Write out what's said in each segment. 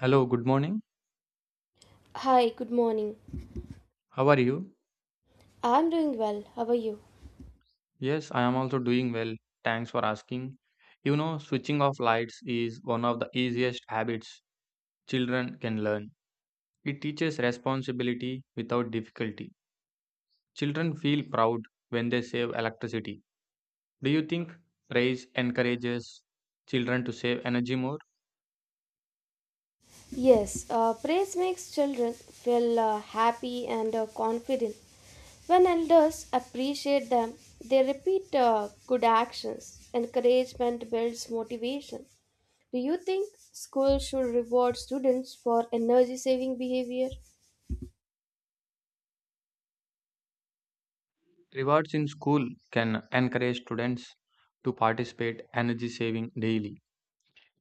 Hello, good morning. Hi, good morning. How are you? I'm doing well. How are you? Yes, I am also doing well. Thanks for asking. You know, switching off lights is one of the easiest habits children can learn. It teaches responsibility without difficulty. Children feel proud when they save electricity. Do you think praise encourages children to save energy more? Yes, praise makes children feel happy and confident. When elders appreciate them, they repeat good actions. Encouragement builds motivation. Do you think schools should reward students for energy saving behavior? Rewards in school can encourage students to participate energy saving daily.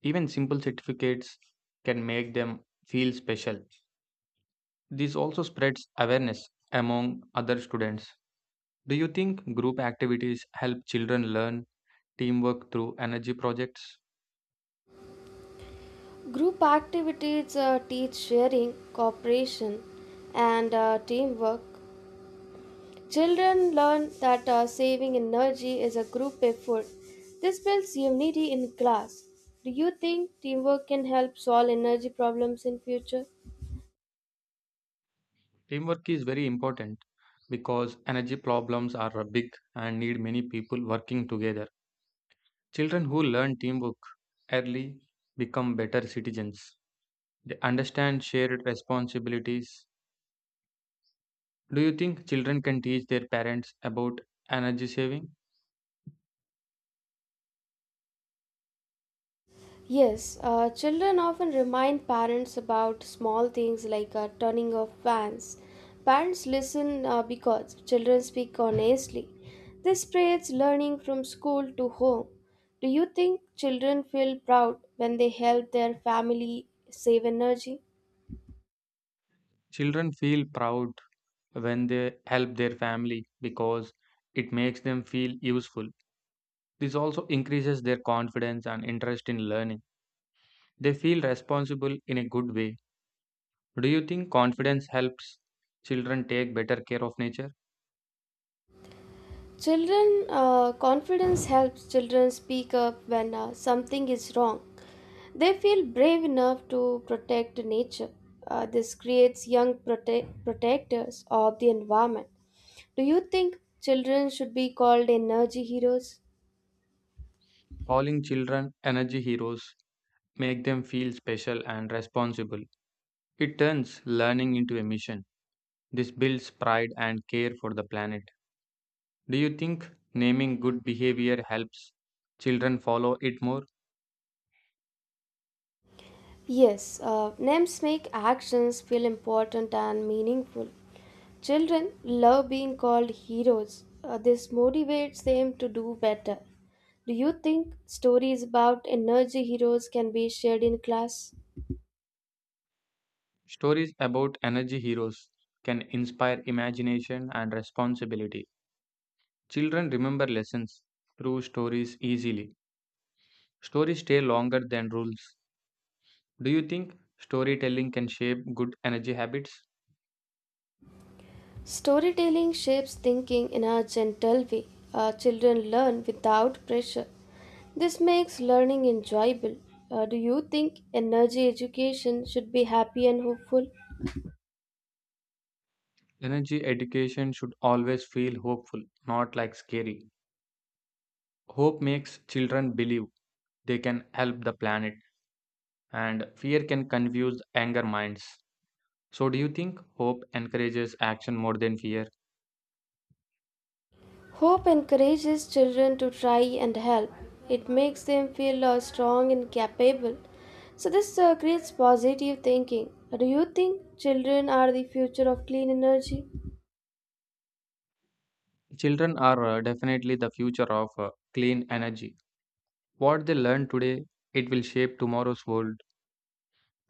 Even simple certificates can make them feel special. This also spreads awareness among other students. Do you think group activities help children learn teamwork through energy projects? Group activities teach sharing, cooperation, and teamwork. Children learn that saving energy is a group effort. This builds unity in class. Do you think teamwork can help solve energy problems in future? Teamwork is very important because energy problems are big and need many people working together. Children who learn teamwork early become better citizens. They understand shared responsibilities. Do you think children can teach their parents about energy saving? Yes, children often remind parents about small things like turning off fans. Parents listen because children speak honestly. This spreads learning from school to home. Do you think children feel proud when they help their family save energy? Children feel proud when they help their family because it makes them feel useful. This also increases their confidence and interest in learning. They feel responsible in a good way. Do you think confidence helps children take better care of nature? Children, confidence helps children speak up when something is wrong. They feel brave enough to protect nature. This creates young protectors of the environment. Do you think children should be called energy heroes? Calling children energy heroes make them feel special and responsible. It turns learning into a mission. This builds pride and care for the planet. Do you think naming good behavior helps children follow it more? Yes, names make actions feel important and meaningful. Children love being called heroes. This motivates them to do better. Do you think stories about energy heroes can be shared in class? Stories about energy heroes can inspire imagination and responsibility. Children remember lessons through stories easily. Stories stay longer than rules. Do you think storytelling can shape good energy habits? Storytelling shapes thinking in a gentle way. Children learn without pressure. This makes learning enjoyable. Do you think energy education should be happy and hopeful? Energy education should always feel hopeful, not like scary. Hope makes children believe they can help the planet, and fear can confuse anger minds. So, do you think hope encourages action more than fear? Hope encourages children to try and help. It makes them feel strong and capable. So, this creates positive thinking. Do you think children are the future of clean energy? Children are definitely the future of clean energy. What they learn today, it will shape tomorrow's world.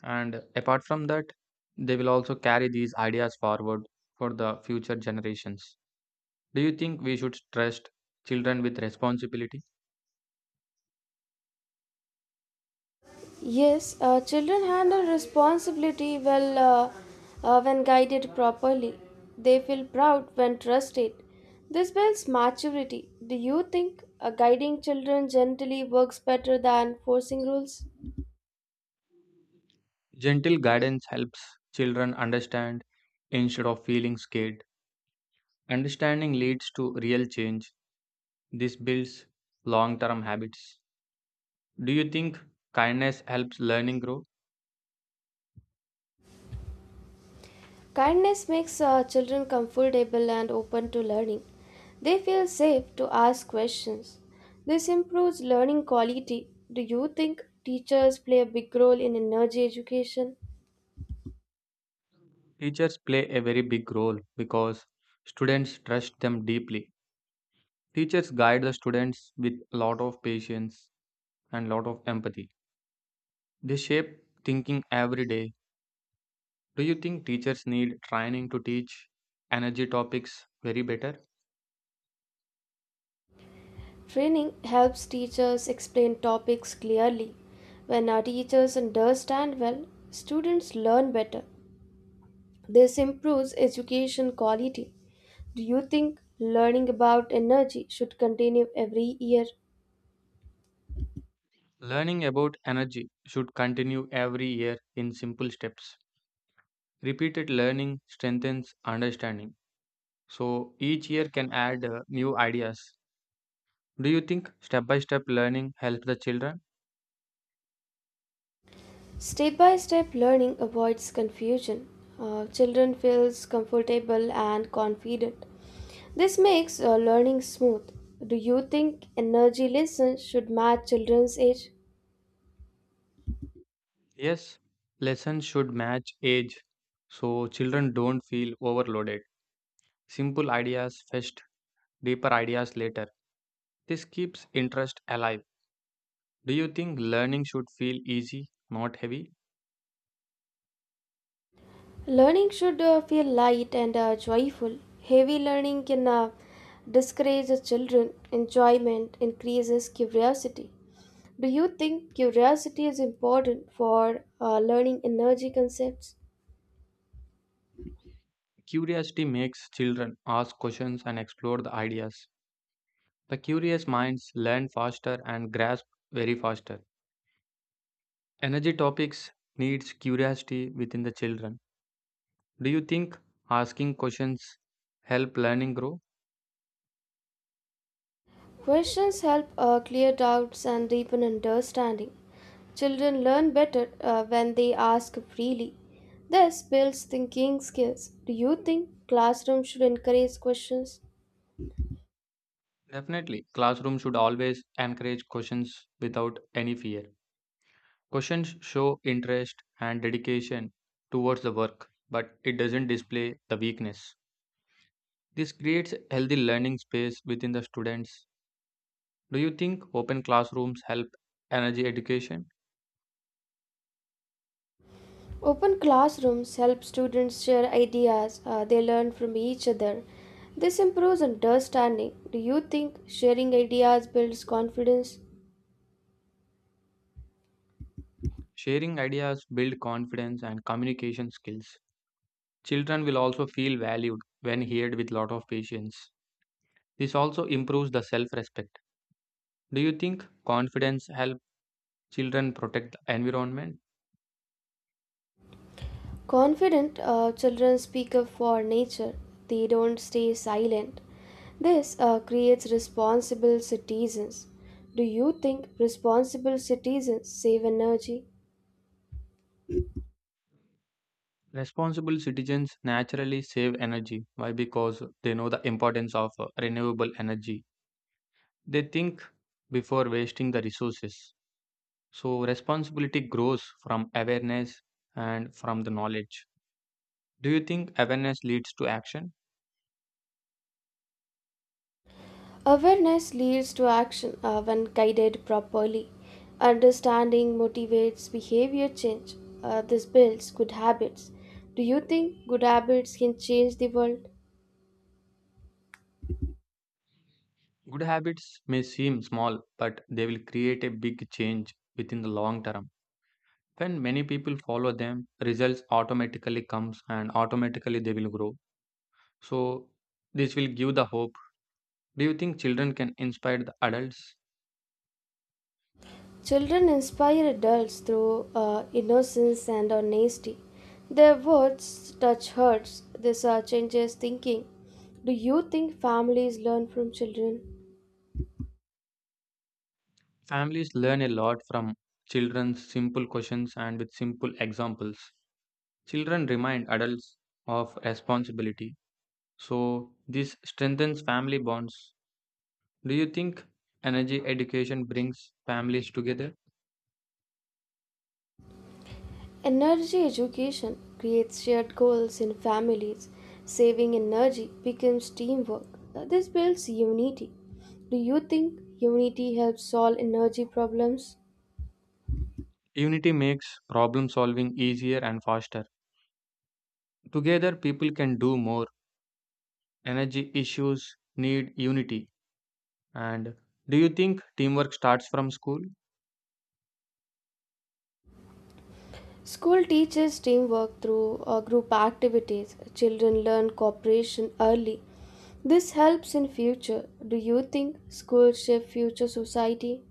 And apart from that, they will also carry these ideas forward for the future generations. Do you think we should trust children with responsibility? Yes, children handle responsibility well when guided properly. They feel proud when trusted. This builds maturity. Do you think guiding children gently works better than forcing rules? Gentle guidance helps children understand instead of feeling scared. Understanding leads to real change. This builds long term habits. Do you think kindness helps learning grow? Kindness makes children comfortable and open to learning. They feel safe to ask questions. This improves learning quality. Do you think teachers play a big role in energy education? Teachers play a very big role because students trust them deeply. Teachers guide the students with a lot of patience and lot of empathy. They shape thinking every day. Do you think teachers need training to teach energy topics very better? Training helps teachers explain topics clearly. When our teachers understand well, students learn better. This improves education quality. Do you think learning about energy should continue every year? Learning about energy should continue every year in simple steps. Repeated learning strengthens understanding. So each year can add new ideas. Do you think step by step learning helps the children? Step by step learning avoids confusion. Children feels comfortable and confident. This makes learning smooth. Do you think energy lessons should match children's age? Yes, lessons should match age so children don't feel overloaded. Simple ideas first, deeper ideas later. This keeps interest alive. Do you think learning should feel easy, not heavy? Learning should feel light and joyful. Heavy learning can discourage the children. Enjoyment increases curiosity. Do you think curiosity is important for learning energy concepts? Curiosity makes children ask questions and explore the ideas. The curious minds learn faster and grasp very faster. Energy topics needs curiosity within the children. Do you think asking questions help learning grow? Questions help clear doubts and deepen understanding. Children learn better when they ask freely. This builds thinking skills. Do you think classrooms should encourage questions? Definitely, classroom should always encourage questions without any fear. Questions show interest and dedication towards the work, but it doesn't display the weakness. This creates a healthy learning space within the students. Do you think open classrooms help energy education? Open classrooms help students share ideas they learn from each other. This improves understanding. Do you think sharing ideas builds confidence? Sharing ideas build confidence and communication skills. Children will also feel valued when heard with lot of patience. This also improves the self-respect. Do you think confidence helps? Children protect the environment. Confident children speak up for nature. They don't stay silent. This creates responsible citizens. Do you think responsible citizens save energy? Responsible citizens naturally save energy. Why? Because they know the importance of renewable energy. They think before wasting the resources. So, responsibility grows from awareness and from the knowledge. Do you think awareness leads to action? Awareness leads to action when guided properly. Understanding motivates behavior change. This builds good habits. Do you think good habits can change the world? Good habits may seem small, but they will create a big change within the long term. When many people follow them, results automatically comes and automatically they will grow. So, this will give the hope. Do you think children can inspire the adults? Children inspire adults through innocence and honesty. Their words touch hearts. This changes thinking. Do you think families learn from children? Families learn a lot from children's simple questions and with simple examples. Children remind adults of responsibility. So, this strengthens family bonds. Do you think energy education brings families together? Energy education creates shared goals in families. Saving energy becomes teamwork. This builds unity. Do you think unity helps solve energy problems? Unity makes problem solving easier and faster. Together, people can do more. Energy issues need unity. And do you think teamwork starts from school? School teaches teamwork through group activities. Children learn cooperation early. This helps in future. Do you think schools shape future society?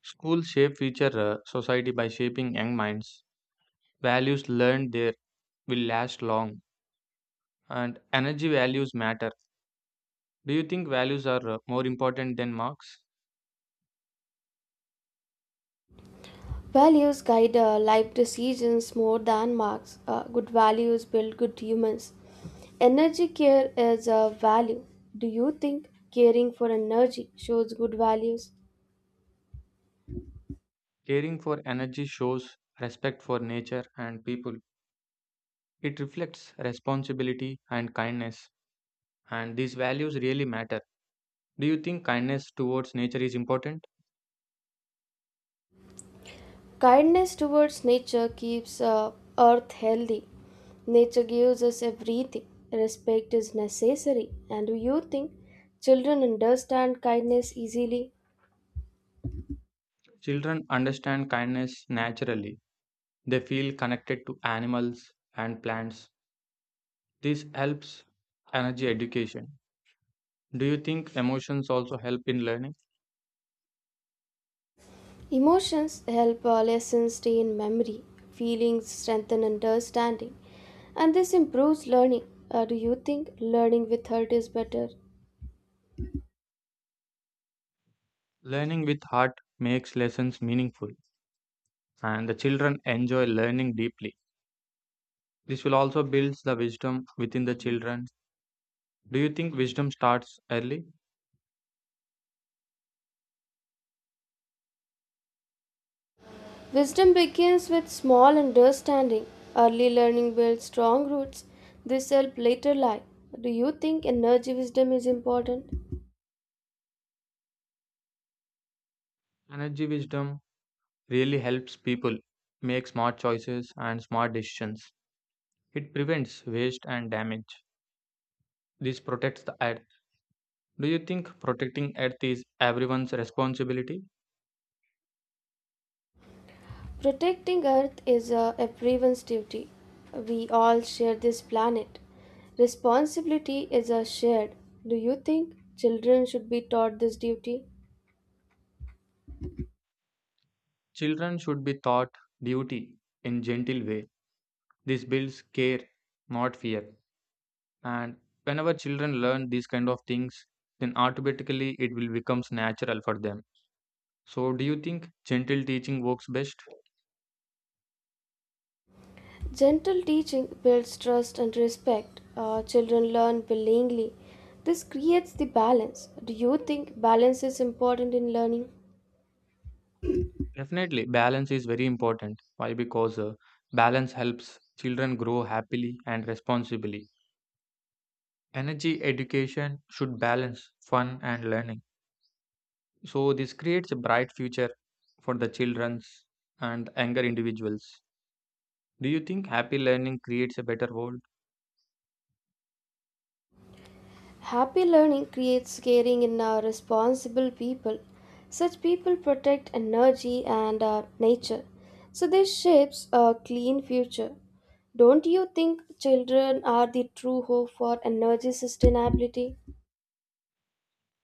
Schools shape future society by shaping young minds. Values learned there will last long, and energy values matter. Do you think values are more important than marks? Values guide life decisions more than marks. Good values build good humans. Energy care is a value. Do you think caring for energy shows good values? Caring for energy shows respect for nature and people. It reflects responsibility and kindness, and these values really matter. Do you think kindness towards nature is important? Kindness towards nature keeps earth healthy. Nature gives us everything. Respect is necessary. And do you think children understand kindness easily? Children understand kindness naturally. They feel connected to animals and plants. This helps energy education. Do you think emotions also help in learning? Emotions help lessons stay in memory. Feelings strengthen understanding. And this improves learning. Do you think learning with hurt is better? Learning with heart makes lessons meaningful, and the children enjoy learning deeply. This will also build the wisdom within the children. Do you think wisdom starts early? Wisdom begins with small understanding. Early learning builds strong roots. This helps later life. Do you think energy wisdom is important? Energy wisdom really helps people make smart choices and smart decisions. It prevents waste and damage. This protects the earth. Do you think protecting earth is everyone's responsibility? Protecting Earth is everyone's duty. We all share this planet. Responsibility is a shared. Do you think children should be taught this duty? Children should be taught duty in gentle way. This builds care, not fear. And whenever children learn these kind of things, then automatically it will becomes natural for them. So do you think gentle teaching works best? Gentle teaching builds trust and respect. Children learn willingly. This creates the balance. Do you think balance is important in learning? Definitely, balance is very important. Why? Because balance helps children grow happily and responsibly. Energy education should balance fun and learning. So this creates a bright future for the children's and younger individuals. Do you think happy learning creates a better world? Happy learning creates caring and responsible people. Such people protect energy and nature. So this shapes a clean future. Don't you think children are the true hope for energy sustainability?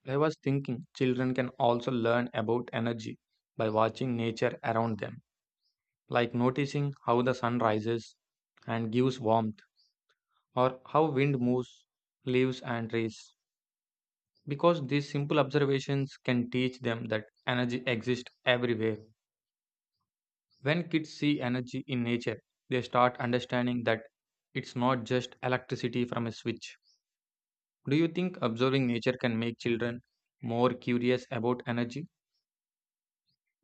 I was thinking children can also learn about energy by watching nature around them, like noticing how the sun rises and gives warmth, or how wind moves leaves and trees. Because these simple observations can teach them that energy exists everywhere. When kids see energy in nature, they start understanding that it's not just electricity from a switch. Do you think observing nature can make children more curious about energy?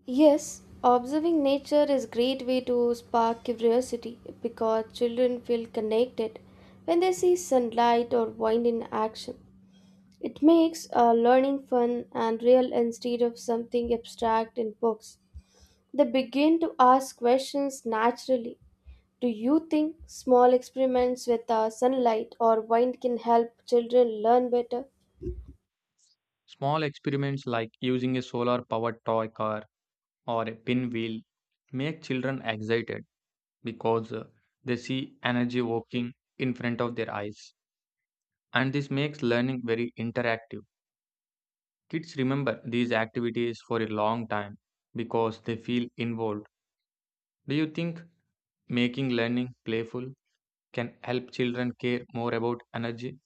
Yes, observing nature is great way to spark curiosity because children feel connected when they see sunlight or wind in action. It makes learning fun and real instead of something abstract in books. They begin to ask questions naturally. Do you think small experiments with sunlight or wind can help children learn better? Small experiments like using a solar powered toy car or a pinwheel make children excited because they see energy working in front of their eyes. And this makes learning very interactive. Kids remember these activities for a long time because they feel involved. Do you think making learning playful can help children care more about energy?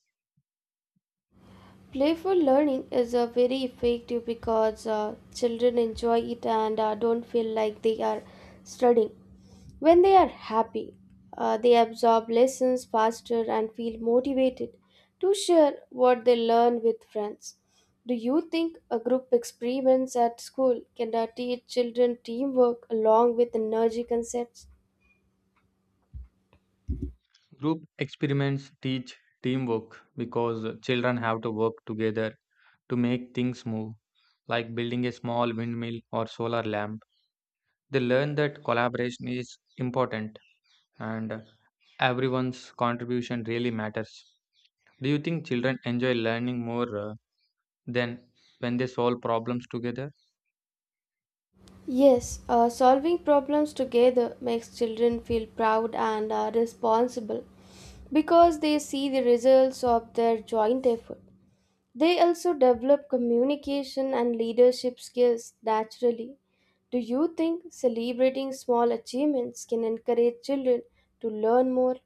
Playful learning is very effective because children enjoy it and don't feel like they are studying. When they are happy, they absorb lessons faster and feel motivated to share what they learn with friends. Do you think a group experiments at school can teach children teamwork along with energy concepts? Group experiments teach teamwork because children have to work together to make things move, like building a small windmill or solar lamp. They learn that collaboration is important and everyone's contribution really matters. Do you think children enjoy learning more than when they solve problems together? Yes, solving problems together makes children feel proud and responsible because they see the results of their joint effort. They also develop communication and leadership skills naturally. Do you think celebrating small achievements can encourage children to learn more?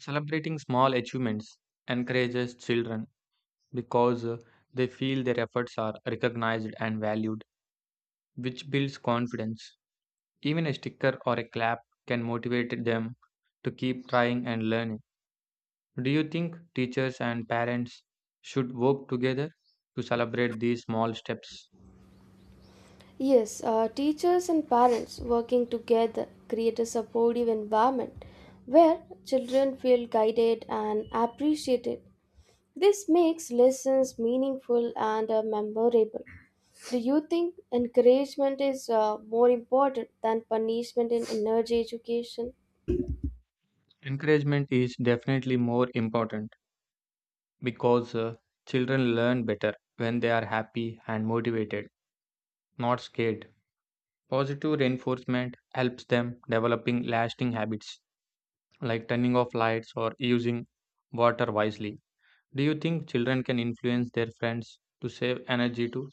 Celebrating small achievements encourages children because they feel their efforts are recognized and valued, which builds confidence. Even a sticker or a clap can motivate them to keep trying and learning. Do you think teachers and parents should work together to celebrate these small steps? Yes, teachers and parents working together create a supportive environment where children feel guided and appreciated. This makes lessons meaningful and memorable. Do you think encouragement is more important than punishment in energy education? Encouragement is definitely more important because children learn better when they are happy and motivated, not scared. Positive reinforcement helps them developing lasting habits like turning off lights or using water wisely. Do you think children can influence their friends to save energy too?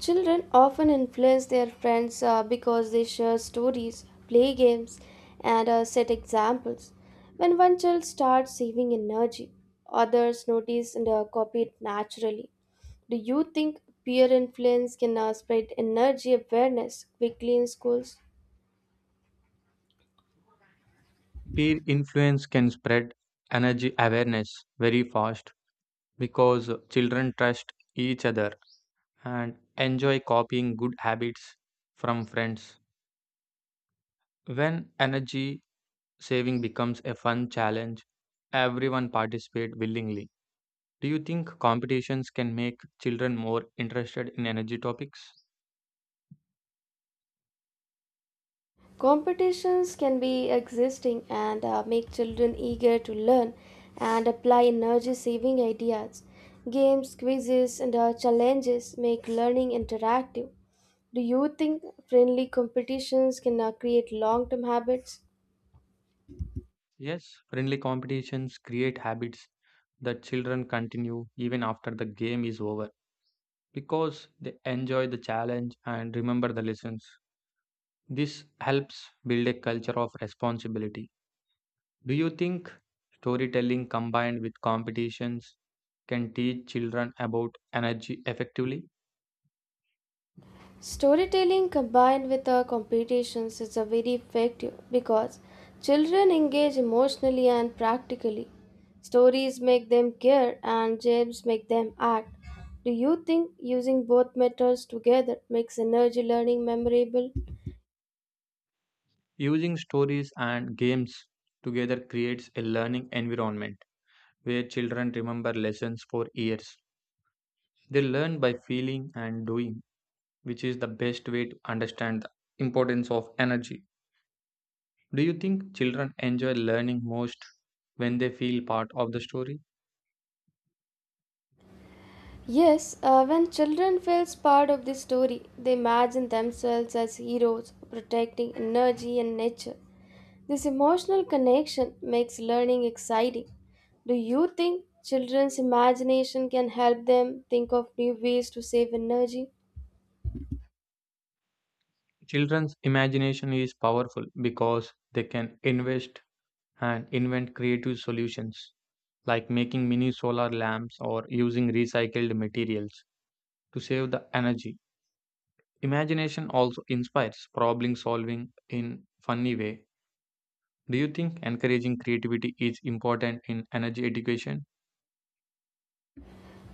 Children often influence their friends because they share stories, play games, and set examples. When one child starts saving energy, others notice and copy it naturally. Do you think peer influence can spread energy awareness quickly in schools? Peer influence can spread energy awareness very fast because children trust each other and enjoy copying good habits from friends. When energy saving becomes a fun challenge, everyone participates willingly. Do you think competitions can make children more interested in energy topics? Competitions can be existing and make children eager to learn and apply energy saving ideas. Games, quizzes, and challenges make learning interactive. Do you think friendly competitions can create long term habits? Yes, friendly competitions create habits that children continue even after the game is over because they enjoy the challenge and remember the lessons. This helps build a culture of responsibility. Do you think storytelling combined with competitions can teach children about energy effectively? Storytelling combined with competitions is a very effective because children engage emotionally and practically. Stories make them care and games make them act. Do you think using both methods together makes energy learning memorable? Using stories and games together creates a learning environment where children remember lessons for years. They learn by feeling and doing, which is the best way to understand the importance of energy. Do you think children enjoy learning most when they feel part of the story? Yes, when children feel part of the story, they imagine themselves as heroes protecting energy and nature. This emotional connection makes learning exciting. Do you think children's imagination can help them think of new ways to save energy? Children's imagination is powerful because they can invest and invent creative solutions like making mini solar lamps or using recycled materials to save the energy. Imagination also inspires problem solving in funny way. Do you think encouraging creativity is important in energy education?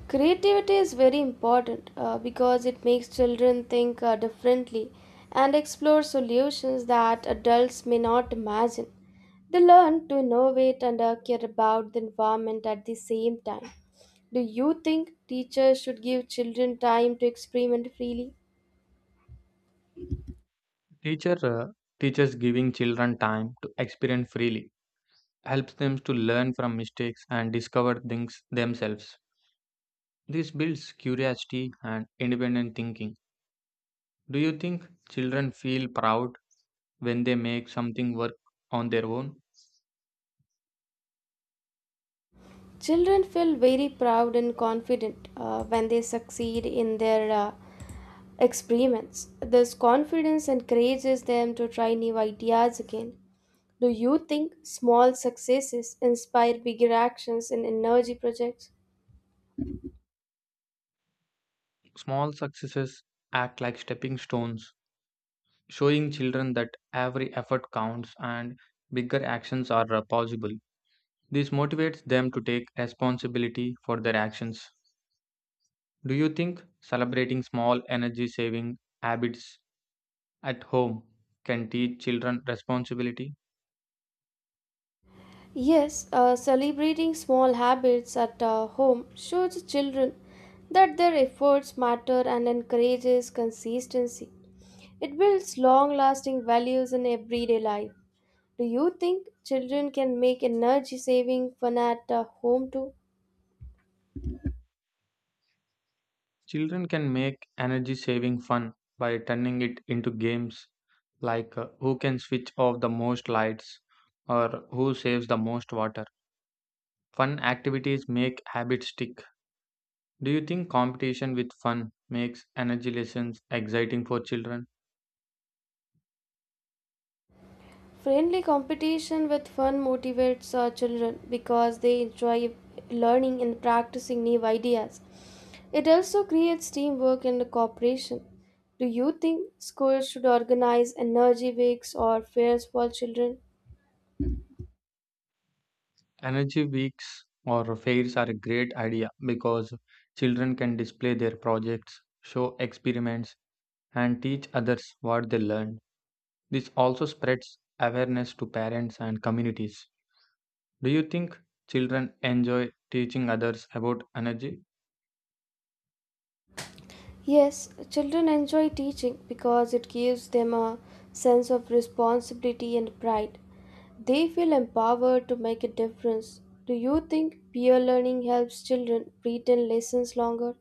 Creativity is very important because it makes children think differently and explore solutions that adults may not imagine. They learn to innovate and care about the environment at the same time. Do you think teachers should give children time to experiment freely? Teacher uh, teachers giving children time to experiment freely helps them to learn from mistakes and discover things themselves. This builds curiosity and independent thinking. Do you think children feel proud when they make something work on their own? Children feel very proud and confident when they succeed in their experiments. This confidence encourages them to try new ideas again. Do you think small successes inspire bigger actions in energy projects? Small successes act like stepping stones, showing children that every effort counts and bigger actions are possible. This motivates them to take responsibility for their actions. Do you think celebrating small energy saving habits at home can teach children responsibility? Yes, celebrating small habits at home shows children that their efforts matter and encourages consistency. It builds long lasting values in everyday life. Do you think children can make energy saving fun at home too? Children can make energy saving fun by turning it into games like who can switch off the most lights or who saves the most water. Fun activities make habits stick. Do you think competition with fun makes energy lessons exciting for children? Friendly competition with fun motivates our children because they enjoy learning and practicing new ideas. It also creates teamwork and cooperation. Do you think schools should organize energy weeks or fairs for children? Energy weeks or fairs are a great idea because children can display their projects, show experiments, and teach others what they learned. This also spreads awareness to parents and communities. Do you think children enjoy teaching others about energy? Yes, children enjoy teaching because it gives them a sense of responsibility and pride. They feel empowered to make a difference. Do you think peer learning helps children retain lessons longer?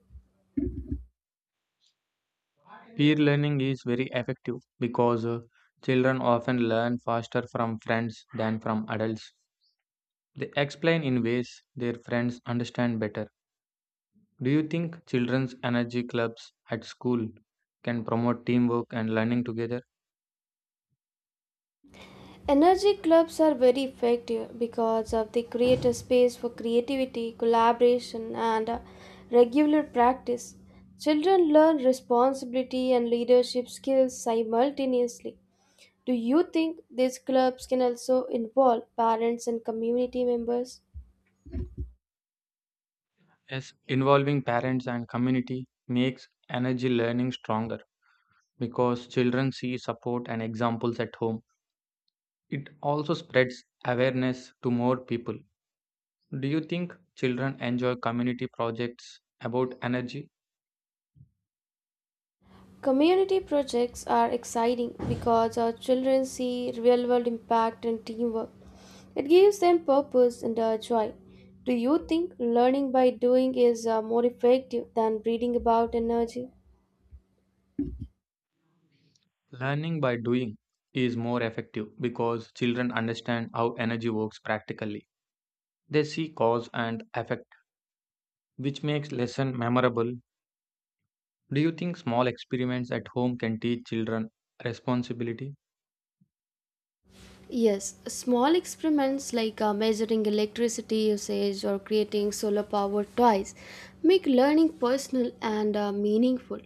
Peer learning is very effective because children often learn faster from friends than from adults. They explain in ways their friends understand better. Do you think children's energy clubs at school can promote teamwork and learning together? Energy clubs are very effective because of they create a space for creativity, collaboration, and regular practice. Children learn responsibility and leadership skills simultaneously. Do you think these clubs can also involve parents and community members? Yes, involving parents and community makes energy learning stronger because children see support and examples at home. It also spreads awareness to more people. Do you think children enjoy community projects about energy? Community projects are exciting because our children see real world impact and teamwork. It gives them purpose and joy. Do you think learning by doing is more effective than reading about energy? Learning by doing is more effective because children understand how energy works practically. They see cause and effect, which makes lesson memorable. Do you think small experiments at home can teach children responsibility? Yes, small experiments like measuring electricity usage or creating solar powered toys make learning personal and meaningful.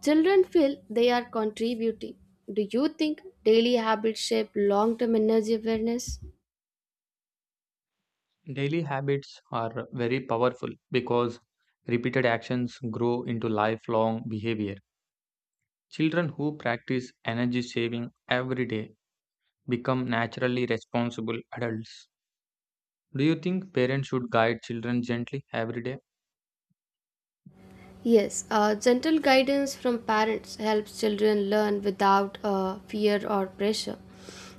Children feel they are contributing. Do you think daily habits shape long term energy awareness? Daily habits are very powerful because repeated actions grow into lifelong behavior. Children who practice energy saving every day become naturally responsible adults. Do you think parents should guide children gently every day? Yes, gentle guidance from parents helps children learn without fear or pressure.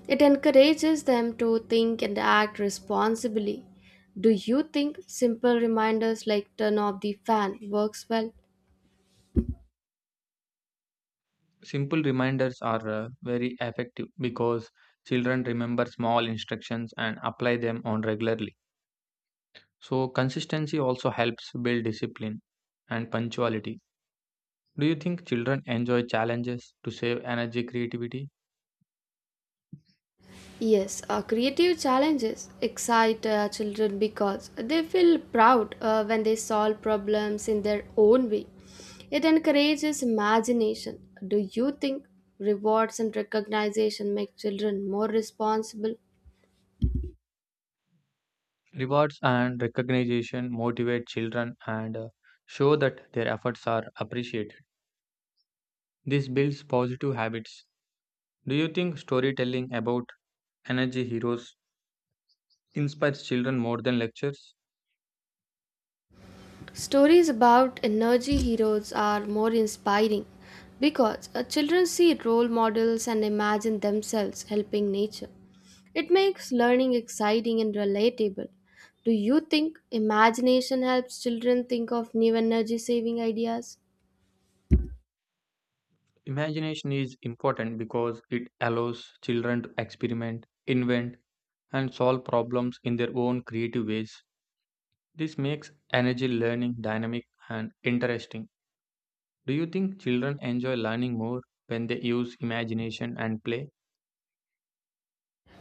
It encourages them to think and act responsibly. Do you think simple reminders like turn off the fan works well? Simple reminders are very effective because children remember small instructions and apply them on regularly. So consistency also helps build discipline and punctuality. Do you think children enjoy challenges to save energy creativity? Yes, creative challenges excite children because they feel proud when they solve problems in their own way. It encourages imagination. Do you think rewards and recognition make children more responsible? Rewards and recognition motivate children and show that their efforts are appreciated. This builds positive habits. Do you think storytelling about energy heroes inspires children more than lectures? Stories about energy heroes are more inspiring because children see role models and imagine themselves helping nature. It makes learning exciting and relatable. Do you think imagination helps children think of new energy saving ideas? Imagination is important because it allows children to experiment, invent, and solve problems in their own creative ways. This makes energy learning dynamic and interesting. Do you think children enjoy learning more when they use imagination and play?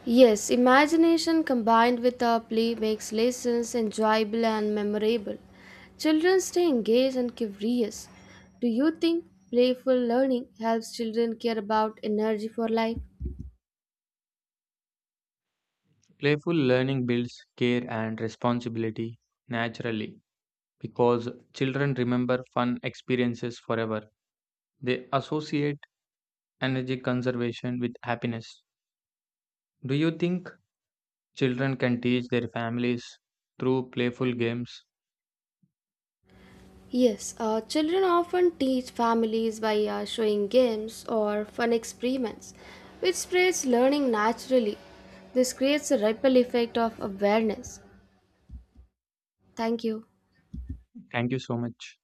Yes, imagination combined with our play makes lessons enjoyable and memorable. Children stay engaged and curious. Do you think playful learning helps children care about energy for life? Playful learning builds care and responsibility naturally because children remember fun experiences forever. They associate energy conservation with happiness. Do you think children can teach their families through playful games? Yes, children often teach families by showing games or fun experiments, which spreads learning naturally. This creates a ripple effect of awareness. Thank you. Thank you so much.